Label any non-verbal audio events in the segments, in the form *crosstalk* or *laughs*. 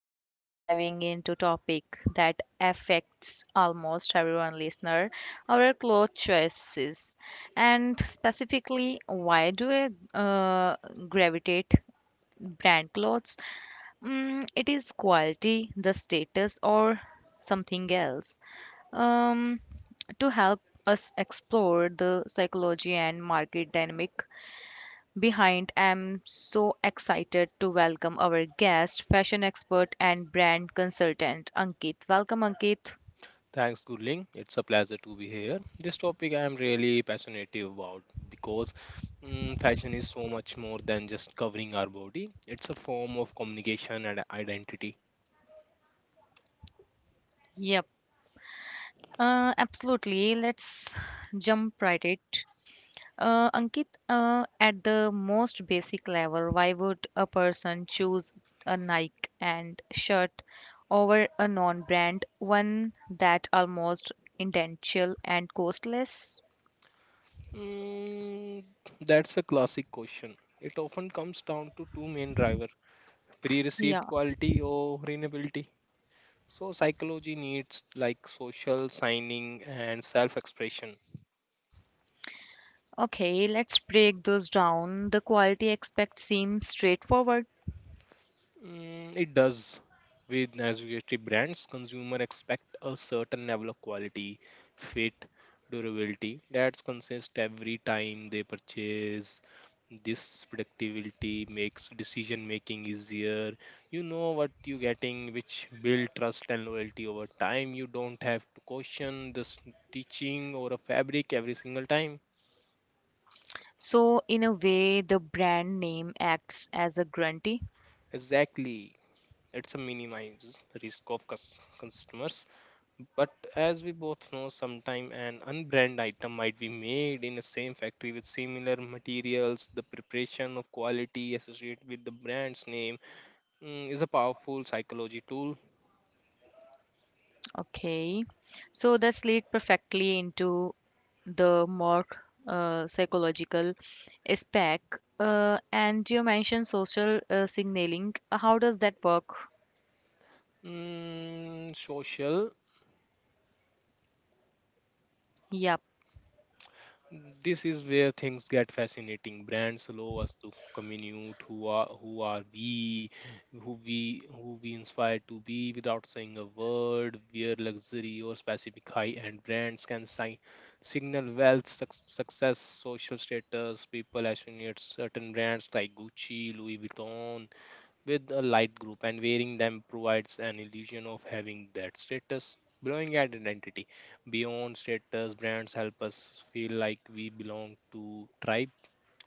today we are diving into topic that affects almost everyone listener, our clothes choices, and specifically why do I gravitate brand clothes? Mm, it is quality, the status, or something else. Um, to help us explore the psychology and market dynamic, behind, I'm so excited to welcome our guest, fashion expert and brand consultant, Ankit. Welcome, Ankit. Thanks, Gurling. It's a pleasure to be here. This topic I am really passionate about because fashion is so much more than just covering our body. It's a form of communication and identity. Yep. Absolutely. Let's jump right it. Ankit, at the most basic level, why would a person choose a Nike and shirt over a non-brand one that almost identical and costless? Mm, that's a classic question. It often comes down to two main driver: pre-received Yeah. quality or renewability. So psychology needs like social signing and self-expression. Okay, let's break those down. The quality aspect seems straightforward. It does. With Nasugachi brands, consumer expect a certain level of quality, fit, durability that's consistent every time they purchase. This predictability makes decision making easier. You know what you're getting, which build trust and loyalty over time. You don't have to question the stitching or a fabric every single time. So, in a way, the brand name acts as a guarantee. Exactly. It's a minimize risk of customers. But as we both know, sometime an unbranded item might be made in the same factory with similar materials. The preparation of quality associated with the brand's name, is a powerful psychology tool. Okay. So, that's lead perfectly into the more psychological aspect. And you mentioned social signaling. How does that work? Mm, social. Yep. This is where things get fascinating. Brands allow us to communicate who are we, who we inspire to be without saying a word. Where luxury or specific high-end brands can signal wealth, success, social status. People associate certain brands like Gucci, Louis Vuitton, with a light group, and wearing them provides an illusion of having that status, belonging and identity. Beyond status, brands help us feel like we belong to tribe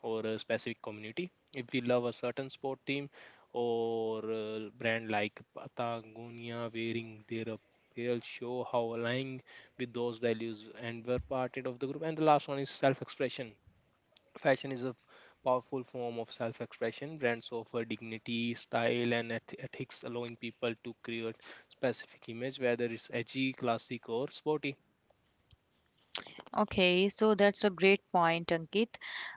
or a specific community. If we love a certain sport team or a brand like Patagonia, wearing their apparel show how aligning with those values and were part of the group. And the last one is self-expression. Fashion is a powerful form of self expression. Brands offer dignity, style, and ethics, allowing people to create specific image, whether it's edgy, classic, or sporty. Okay, so that's a great point, Ankit.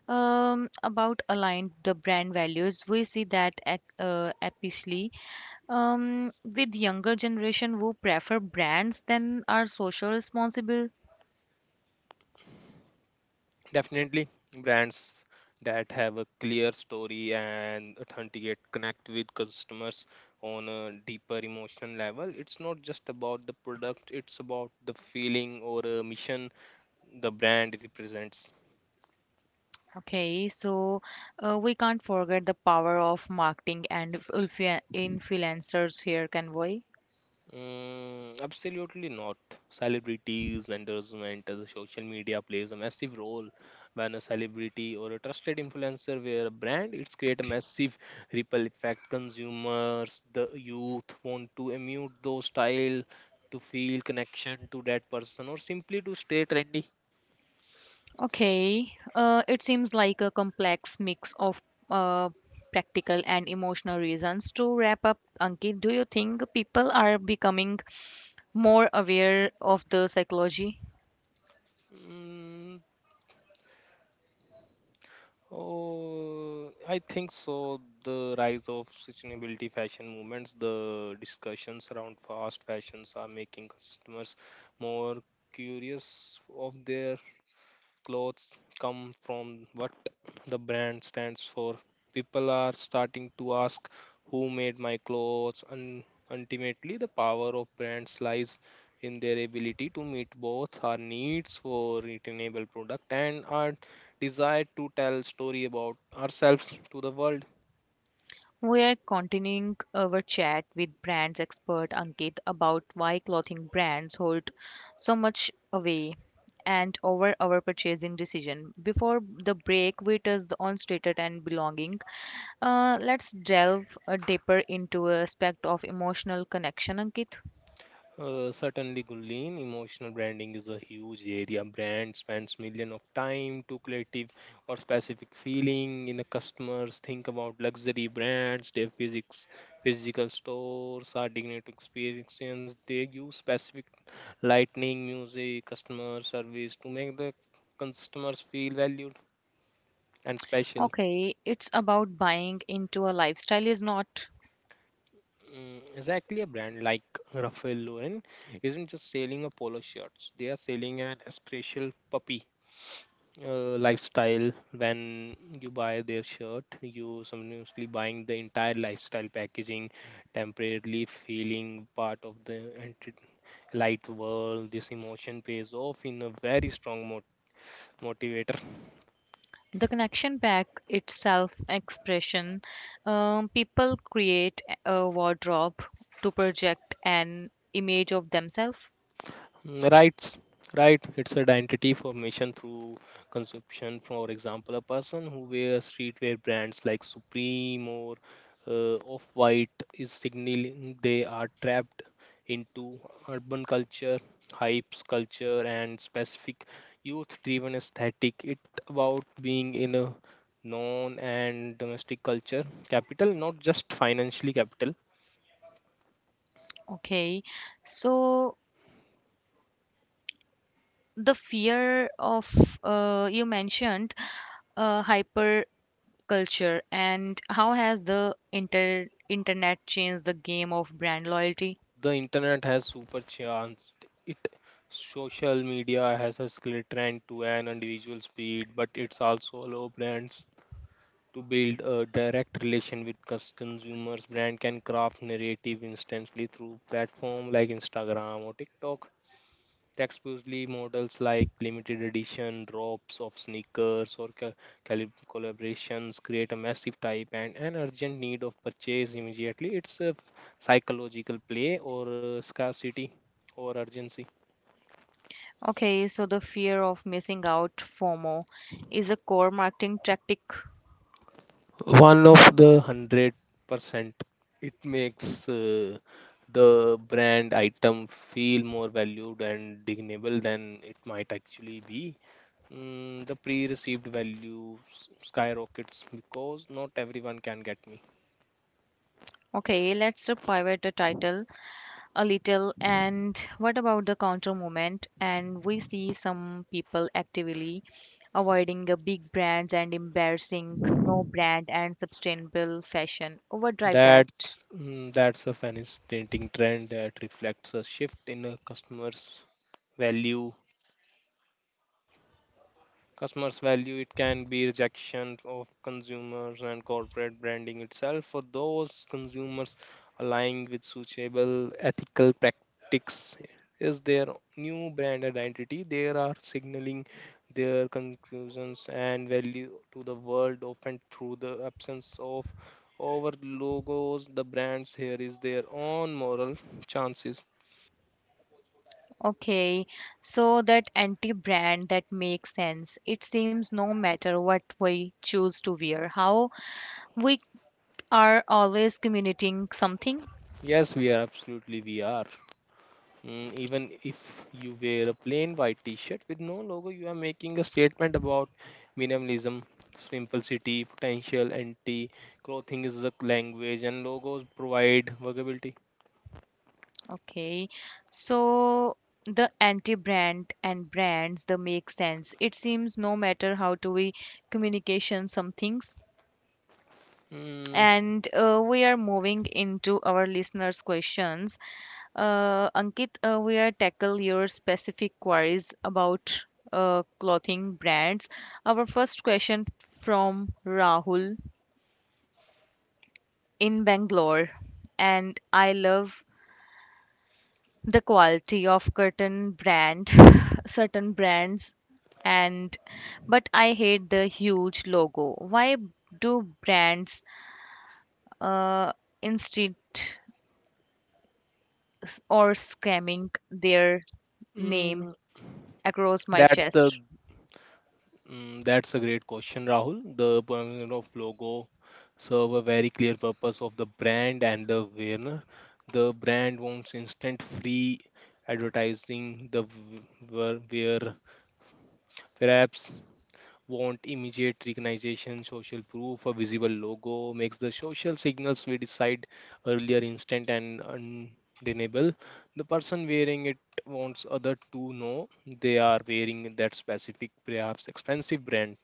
About aligned the brand values, we see that apically with younger generation who prefer brands than are social responsible. Definitely, brands that have a clear story and authenticate connect with customers on a deeper emotional level. It's not just about the product, it's about the feeling or a mission the brand represents. Okay, so we can't forget the power of marketing and influencers here, can we? Mm, absolutely not. Celebrities, endorsement, as social media plays a massive role. When a celebrity or a trusted influencer wear a brand, it's create a massive ripple effect. Consumers, the youth want to emulate those style to feel connection to that person or simply to stay trendy. Okay, it seems like a complex mix of uh, practical and emotional reasons. To wrap up, Ankit, do you think people are becoming more aware of the psychology? Mm, oh, I think so. The rise of sustainability fashion movements, the discussions around fast fashions are making customers more curious of their clothes come from, what the brand stands for. People are starting to ask who made my clothes, and ultimately, the power of brands lies in their ability to meet both our needs for returnable product and our desire to tell story about ourselves to the world. We are continuing our chat with brands expert Ankit about why clothing brands hold so much away and over our purchasing decision. Before the break, we touched on status and belonging. Let's delve deeper into a aspect of emotional connection, Ankit. Certainly, Gulen, emotional branding is a huge area. Brand spends millions of time to creative or specific feeling in the customers. Think about luxury brands, their physical stores, are dignity experience. They use specific lighting, music, customer service to make the customers feel valued and special. Okay, it's about buying into a lifestyle, is not? Mm, exactly. A brand like Ralph Lauren isn't just selling a polo shirts; they are selling an special puppy lifestyle. When you buy their shirt you simultaneously buying the entire lifestyle packaging, temporarily feeling part of the light world. This emotion pays off in a very strong motivator. The connection back it's self expression, people create a wardrobe to project an image of themselves. Mm, right. It's identity formation through consumption. For example, a person who wears streetwear brands like Supreme or Off-White is signaling they are trapped into urban culture, hypes culture, and specific youth-driven aesthetic. It about being in a known and domestic culture capital, not just financially capital. Okay, so the fear of, you mentioned, hyper culture, and how has the internet changed the game of brand loyalty? The internet has supercharged it. Social media has a skill trend to an individual speed, but it's also allow brands to build a direct relation with consumers. Brand can craft narrative instantly through platform like Instagram or TikTok. Exclusively models like limited edition drops of sneakers or collaborations create a massive type and an urgent need of purchase immediately. It's a psychological play or scarcity or urgency. Okay, so the fear of missing out, fomo, is a core marketing tactic. One of the 100%. It makes the brand item feel more valued and dignable than it might actually be. The pre-received value skyrockets because not everyone can get me. Okay, let's pivot the title a little. And what about the counter movement? And we see some people actively avoiding the big brands and embarrassing no brand and sustainable fashion overdrive that. That's a fascinating trend that reflects a shift in a customer's value. Customers value it can be rejection of consumers and corporate branding itself. For those consumers aligning with suitable ethical practices is their new brand identity. They are signaling their conclusions and value to the world often through the absence of over logos. The brands here is their own moral chances. Okay, so that anti brand, that makes sense. It seems no matter what we choose to wear, how we are always communicating something. Yes, we are, absolutely we are. Even if you wear a plain white t-shirt with no logo, you are making a statement about minimalism, simplicity, potential, anti. Clothing is the language, and logos provide workability. Okay, so the anti-brand and brands, they make sense. It seems no matter how to we communication some things. Mm, And we are moving into our listeners' questions. Ankit, we are tackle your specific queries about clothing brands. Our first question from Rahul in Bangalore, and I love the quality of curtain brand *sighs* *laughs* certain brands and but I hate the huge logo, why do brands uh, instead or scamming their name mm, across my that's the chest? That's a great question, Rahul. The point of logo serve a very clear purpose of the brand and the wearer. The brand wants instant free advertising. The wearer perhaps want immediate recognition, social proof. A visible logo makes the social signals we decide earlier instant and undeniable. The person wearing it wants other to know they are wearing that specific, perhaps expensive brand.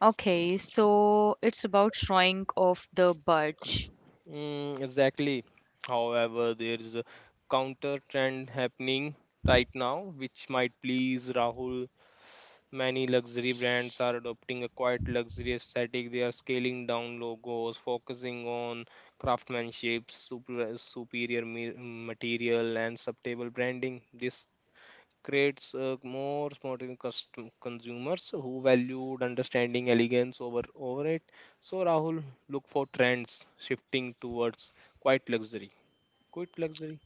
Okay, so it's about showing off the budge. Mm, exactly. However, there is a counter trend happening right now, which might please Rahul. Many luxury brands are adopting a quite luxury aesthetic. They are scaling down logos, focusing on craftsmanship, superior material, and subtable branding. This creates more modern custom consumers who valued understanding elegance over over it. So Rahul, look for trends shifting towards quite luxury. Quite luxury.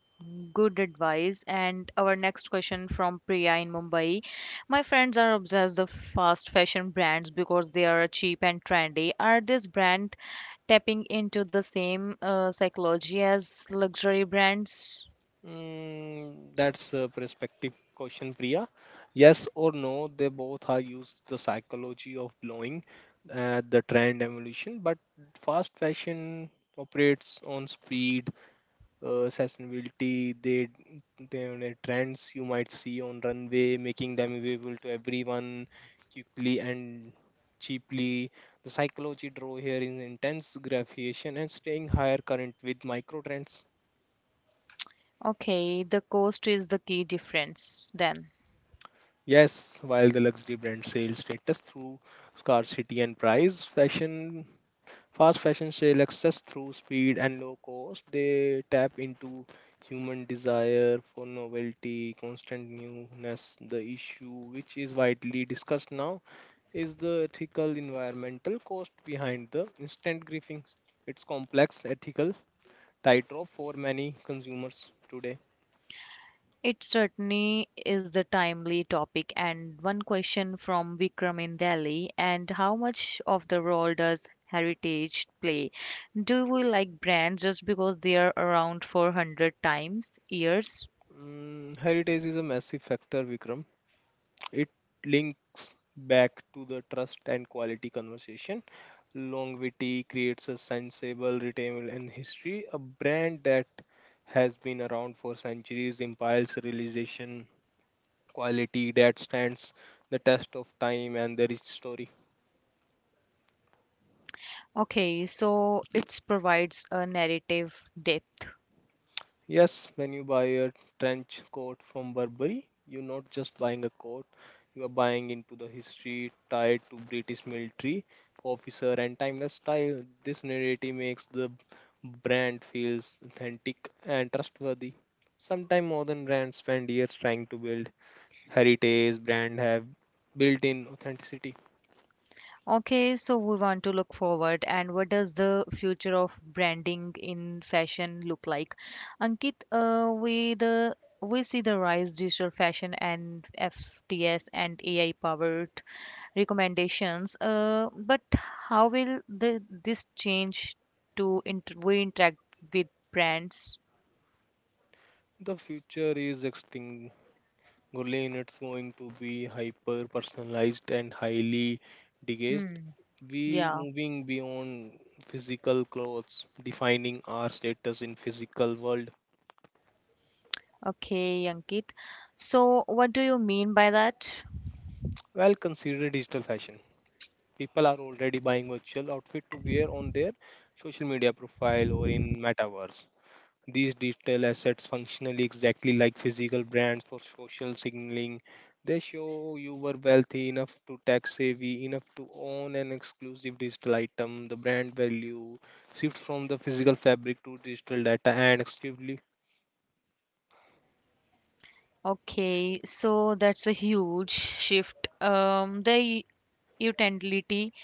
Good advice. And our next question from Priya in Mumbai. My friends are obsessed with fast fashion brands because they are cheap and trendy. Are these brands tapping into the same psychology as luxury brands? That's a perspective question, Priya. Yes or no, they both are used the psychology of blowing the trend evolution, but fast fashion operates on speed, sustainability. They trends you might see on runway, making them available to everyone quickly and cheaply. The psychology draw here is intense gratification and staying higher current with micro trends. Okay, the cost is the key difference then. Yes, while the luxury brand sales status through scarcity and price, fashion fast fashion sale access through speed and low cost. They tap into human desire for novelty, constant newness. The issue, which is widely discussed now, is the ethical environmental cost behind the instant griefing. It's complex ethical tightrope for many consumers today. It certainly is the timely topic, and one question from Vikram in Delhi, and how much of the role does heritage play? Do we like brands just because they are around 400 times years? Heritage is a massive factor, Vikram. It links back to the trust and quality conversation. Longevity creates a sensible, retainable, and history. A brand that has been around for centuries impiles realization quality that stands the test of time and the rich story. Okay, so it provides a narrative depth. Yes, when you buy a trench coat from Burberry, you're not just buying a coat, you are buying into the history tied to British military officer and timeless style. This narrative makes the brand feels authentic and trustworthy. Sometimes modern brands spend years trying to build heritage brand have built-in authenticity. Okay, so we want to look forward, and what does the future of branding in fashion look like? Ankit, uh, we see the rise digital fashion and FTS and AI powered recommendations. But how will the this change to inter we interact with brands? The future is extinct, Gurleen. It's going to be hyper personalized and highly engaged. Hmm, We yeah. moving beyond physical clothes, defining our status in physical world. Okay, Ankit. So what do you mean by that? Well, consider digital fashion. People are already buying virtual outfit to wear on their social media profile or in metaverse. These digital assets functionally exactly like physical brands for social signaling. They show you were wealthy enough to tax savvy enough to own an exclusive digital item. The brand value shifts from the physical fabric to digital data and exclusively. Okay, so that's a huge shift. The utility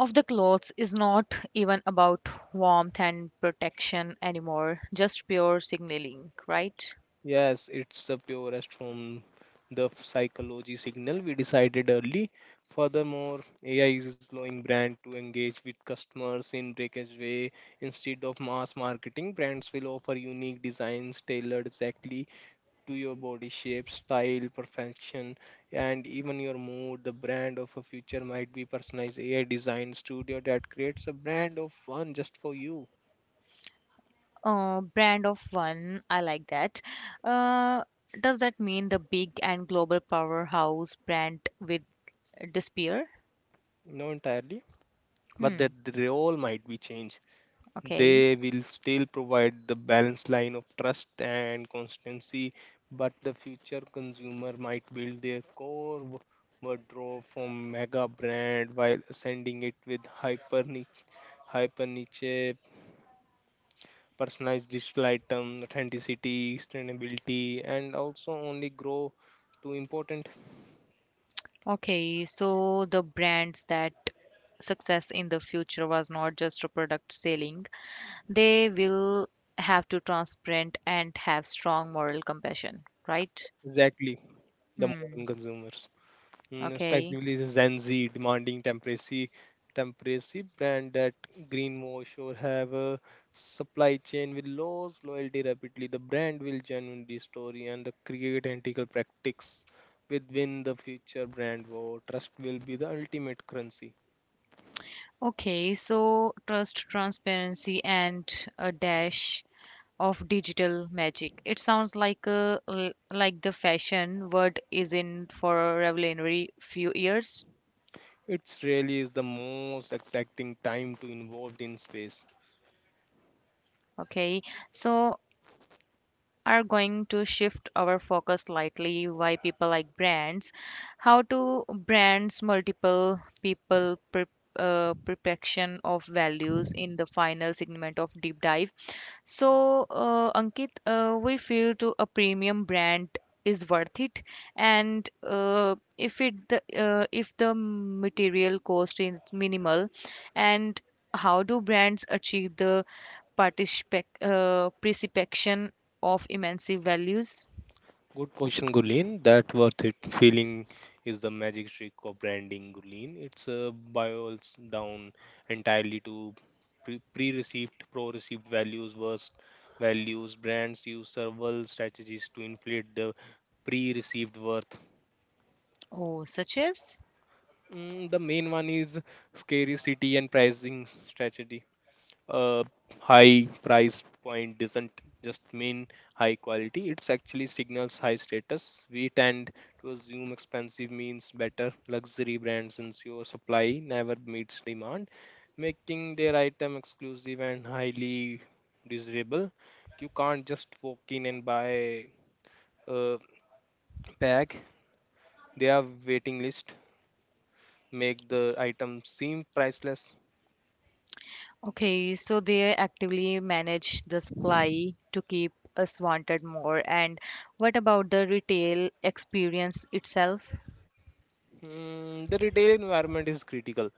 of the clothes is not even about warmth and protection anymore, just pure signaling, right? Yes, it's the purest form, the psychology signal we decided early. Furthermore, AI is allowing brand to engage with customers in breakage way. Instead of mass marketing, brands will offer unique designs tailored exactly to your body shape, style, perfection, and even your mood. The brand of a future might be personalized AI design studio that creates a brand of one just for you. Brand of one, I like that. Uh, does that mean the big and global powerhouse brand with disappear? No, entirely, but Hmm, that the role might be changed. okay. They will still provide the balanced line of trust and constancy, but the future consumer might build their core wardrobe from mega brand while sending it with hyper niche personalized digital item authenticity sustainability and also only grow to important. Okay, so the brands that success in the future was not just a product selling, they will have to transparent and have strong moral compassion, right? Exactly, the modern Hmm, consumers. Okay. Respectively the Gen Z demanding temporary brand that Green Mosh or have a supply chain with lows loyalty rapidly. The brand will genuinely story and the create ethical practice within the future brand war. Trust will be the ultimate currency. Okay, so trust, transparency, and a dash of digital magic, it sounds like a like the fashion word is in for revolutionary few years. It's really is the most exciting time to involved in space. Okay, so are going to shift our focus slightly. Why people like brands, how to brands multiple people perfection of values in the final segment of deep dive. So, Ankit, we feel to a premium brand is worth it, and if the material cost is minimal, and how do brands achieve the participation precipitation of immense values? Good question, Gulin. That worth it feeling is the magic trick of branding, Gulin. It's boils down entirely to pro-received values versus values. Brands use several strategies to inflate the pre-received worth. Oh, such as. The main one is scarcity and pricing strategy. A high price point doesn't just mean high quality. It's actually signals high status. We tend to assume expensive means better. Luxury brands ensure supply never meets demand, making their item exclusive and highly desirable. You can't just walk in and buy a bag. They have waiting list, make the item seem priceless. Okay, so they actively manage the supply to keep us wanted more. And what about the retail experience itself? Mm, the retail environment is critical.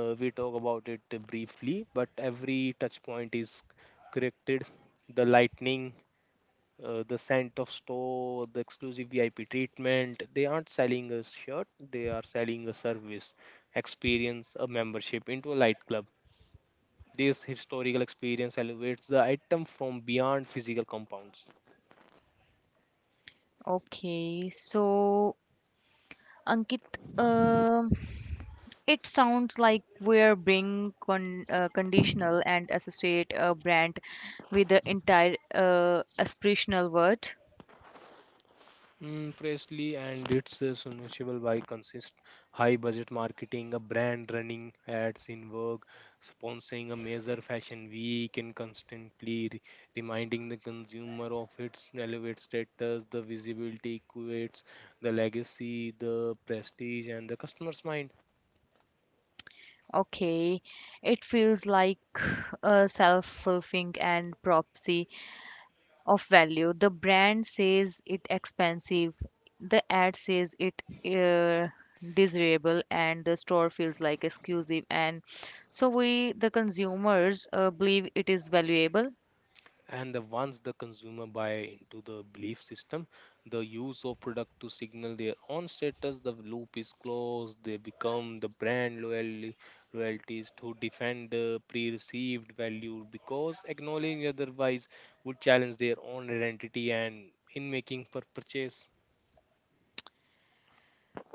We talk about it briefly, but every touch point is corrected. The lightning, the scent of store, the exclusive VIP treatment. They aren't selling a shirt, they are selling a service, experience, a membership into a light club. This historical experience elevates the item from beyond physical compounds. Okay, so Ankit, um, it sounds like we're being conditional and associate a brand with the entire aspirational word. Mm, Presley and it's soluble by consist high budget marketing, a brand running ads in work, sponsoring a major fashion week, and constantly reminding the consumer of its elevated status, the visibility equates, the legacy, the prestige, and the customer's mind. Okay, it feels like a self-fulfilling and prophecy of value. The brand says it expensive, the ad says it uh, desirable, and the store feels like exclusive, and so we the consumers believe it is valuable. And the once the consumer buy into the belief system, the use of product to signal their own status, the loop is closed. They become the brand loyalty, loyalties to defend the pre-received value, because acknowledging otherwise would challenge their own identity and in making per purchase.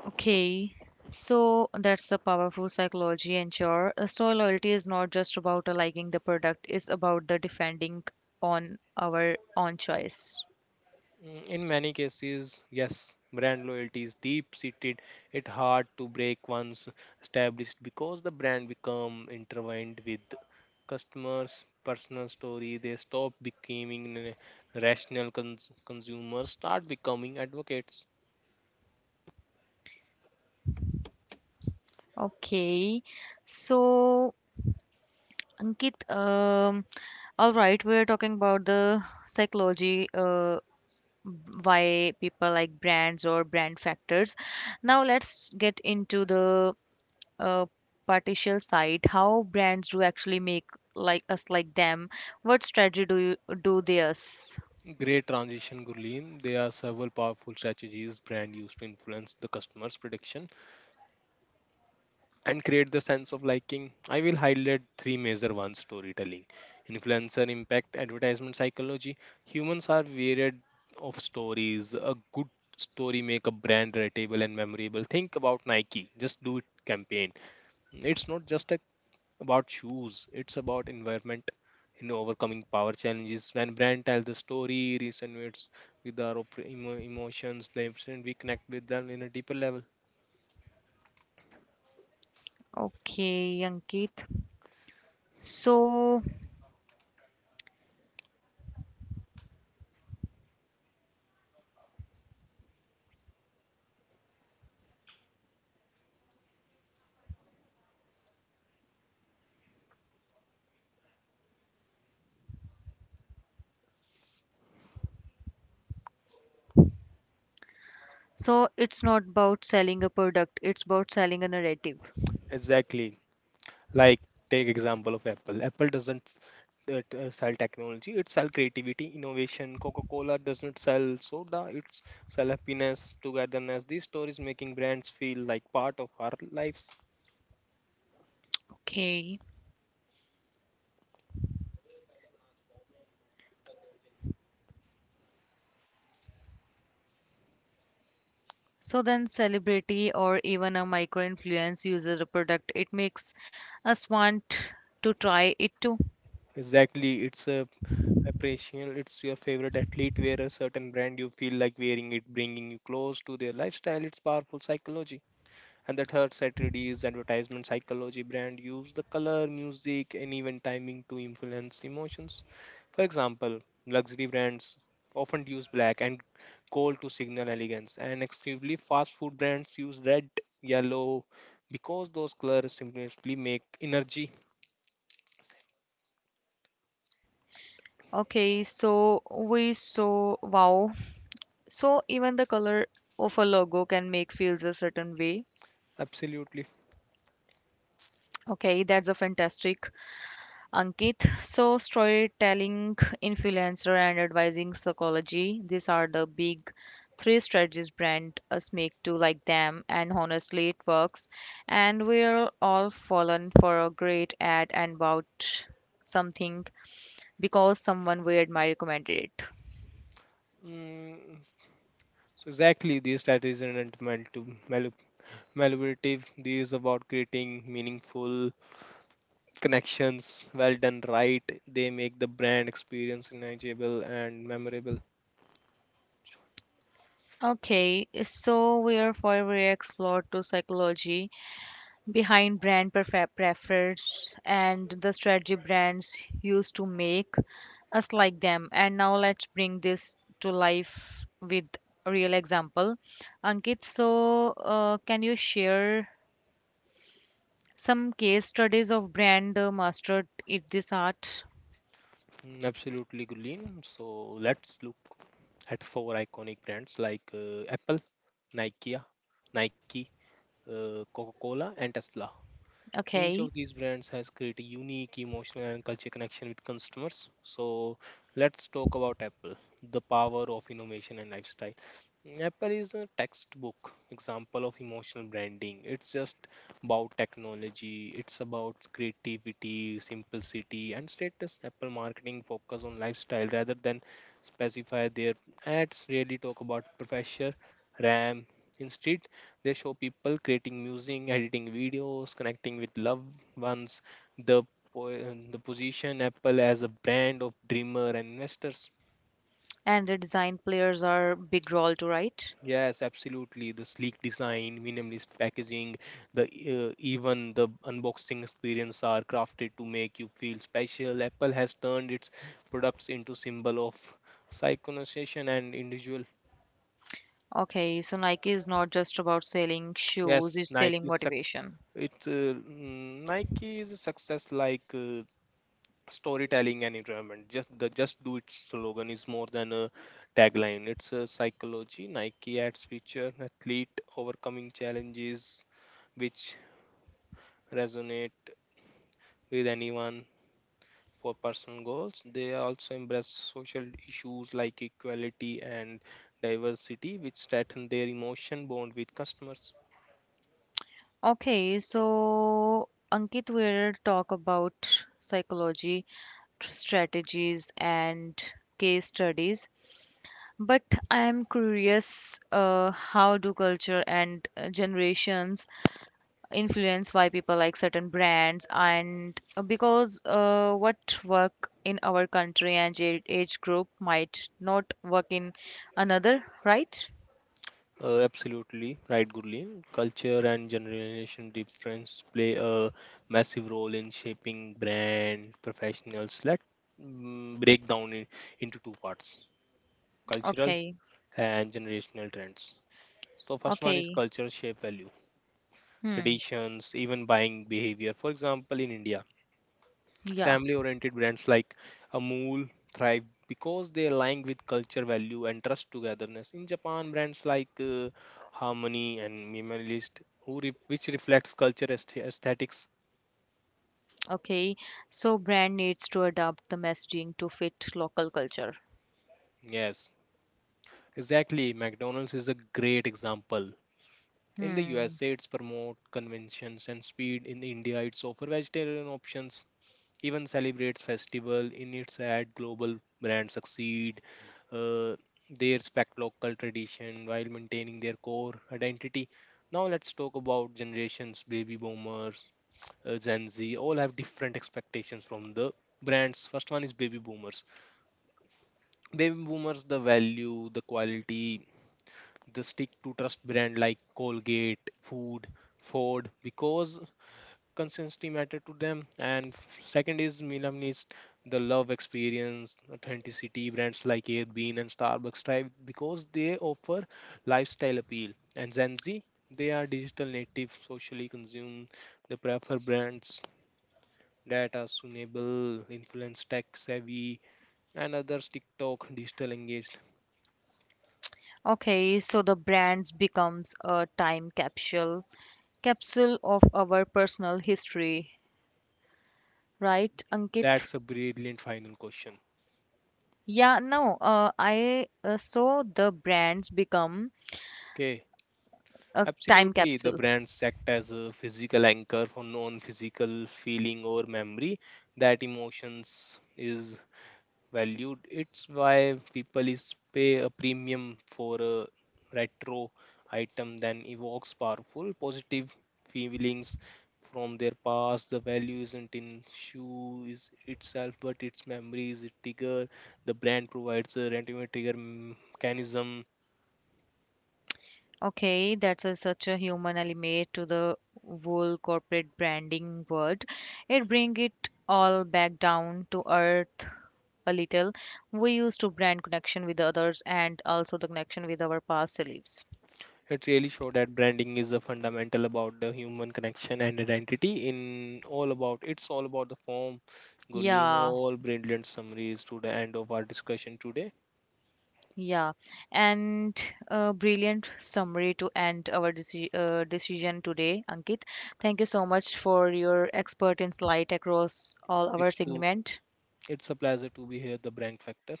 Okay, so that's the powerful psychology, and sure, so loyalty is not just about liking the product, it's about the defending on our own choice. Mm, in many cases, yes, brand loyalty is deep seated. It's hard to break once established because the brand become intertwined with customers' personal story. They stop becoming rational consumers, start becoming advocates. Okay, so Ankit, all right, we're talking about the psychology, why people like brands or brand factors. Now let's get into the uh, partial side, how brands do actually make like us like them. What strategy do you do they us? Great transition, Gurleen. There are several powerful strategies brand used to influence the customer's prediction and create the sense of liking. I will highlight three major ones: storytelling, influencer impact, advertisement psychology. Humans are varied of stories. A good story make a brand relatable and memorable. Think about Nike, just do it campaign. It's not just about shoes, it's about environment. You know, overcoming power challenges. When brand tells the story resonates with our emotions, they we connect with them in a deeper level. Okay, Ankit. So, so, it's not about selling a product, it's about selling a narrative. Exactly. Like take example of Apple. Apple doesn't sell technology; it sell creativity, innovation. Coca-Cola does not sell soda; it's sell happiness, togetherness. These stories making brands feel like part of our lives. Okay. So then celebrity or even a micro influence uses a product. It makes us want to try it too. Exactly, it's a appreciation. It's your favorite athlete wear a certain brand. You feel like wearing it, bringing you close to their lifestyle. It's powerful psychology. And the third strategy is advertisement psychology. Brand use the color, music, and even timing to influence emotions. For example, luxury brands often use black and gold to signal elegance, and extremely fast food brands use red, yellow, because those colors simply make energy. Okay, so we so wow. So even the color of a logo can make feels a certain way. Absolutely. Okay, that's a fantastic. Ankit. So, storytelling, influencer, and advising psychology, these are the big three strategies brand us make to like them, and honestly, it works. And we're all fallen for a great ad and bought something because someone we admire recommended it. Mm, so exactly, these strategies aren't meant to manipulative. These about creating meaningful connections. Well done right, they make the brand experience enjoyable and memorable. Okay, so we're forever explored to psychology behind brand preference and the strategy brands used to make us like them. And now let's bring this to life with a real example. Ankit, so can you share some case studies of brand mastered in this art? Mm, absolutely, Gulin. So let's look at four iconic brands like Apple, nike nike, Coca-Cola, and Tesla. Each of Okay, these brands has created unique emotional and culture connection with customers. So let's talk about Apple, the power of innovation and lifestyle. Apple is a textbook example of emotional branding. It's just about technology, it's about creativity, simplicity, and status. Apple marketing focus on lifestyle rather than specify. Their ads really talk about professor RAM instead. They show people creating music, editing videos, connecting with loved ones. The the position Apple as a brand of dreamer and investors. and the design players are big role to right. Yes, absolutely. The sleek design, minimalist packaging, the even the unboxing experience are crafted to make you feel special. Apple has turned its products into symbol of synchronization and individual. Okay, so Nike is not just about selling shoes, Yes, it's selling Nike's success. motivation. Nike's success like. Storytelling and enjoyment, just the just do it slogan is more than a tagline. It's a psychology. Nike ads feature athlete overcoming challenges, which resonate with anyone for personal goals. They also embrace social issues like equality and diversity, which strengthen their emotion bond with customers. Okay, so Ankit will talk about psychology, strategies, and case studies. But I am curious, how do culture and generations influence why people like certain brands? And because what work in our country and age group might not work in another, right? Absolutely right, Gurleen. Culture and generation difference play a massive role in shaping brand professionals. Let break down into two parts: cultural Okay, and generational trends. So, first one is okay. culture shape value, Hmm. traditions, even buying behavior. For example, in India, Yeah. family oriented brands like Amul thrive because they align with culture value and trust togetherness. In Japan, brands like Harmony and Minimalist, which reflects culture aesthetics. Okay, so brand needs to adapt the messaging to fit local culture. Yes, exactly. McDonald's is a great example. In the Hmm. USA, it's promote conventions and speed. In India, it's offer vegetarian options, even celebrates festival in its ad. Global brands succeed, uh, they respect local tradition while maintaining their core identity. Now let's talk about generations. Baby boomers, gen z, all have different expectations from the brands. First one is baby boomers. Baby boomers the value the quality, the stick to trust brand like Colgate, Food, Ford, because consistency matter to them. And second is milam needs, the love experience, authenticity. Brands like Airbnb and Starbucks thrive because they offer lifestyle appeal. And gen z, they are digital native, socially consumed. They prefer brands that are sustainable, influence tech savvy, and others TikTok digital engaged. Okay, so the brands becomes a time capsule, capsule of our personal history, right, Ankit? That's a brilliant final question. Yeah, no, I so the brands become Okay. a time Absolutely, the capsule. brands act as a physical anchor for non-physical feeling or memory. That emotions is valued. It's why people is pay a premium for a retro item that evokes powerful positive feelings from their past. The value isn't in shoes itself, but its memories, it trigger. The brand provides a random trigger mechanism. Okay, that's a, such a human element to the whole corporate branding world. It bring it all back down to earth a little. We used to brand connection with others and also the connection with our past selves. It really showed that branding is a fundamental about the human connection and identity. In all about it's all about the form, Gurleen. Yeah, All brilliant summaries to the end of our discussion today. yeah. And a brilliant summary to end our decision today, Ankit. Thank you so much for your expert insight across all our It's to segment. it's a pleasure to be here. The brand factor.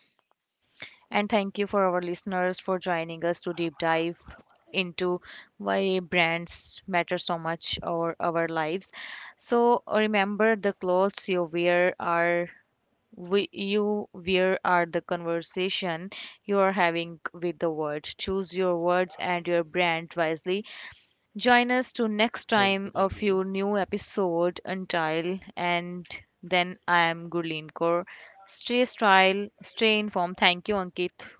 And thank you for our listeners for joining us to deep dive into why brands matter so much or our lives. So remember the clothes you wear are you wear are the conversation you are having with the world. Choose your words and your brand wisely. Join us to next Thank you. time a Thank you. few new episode until and then I am Gurleen Kaur. Stay style, stay informed. Thank you, Ankit.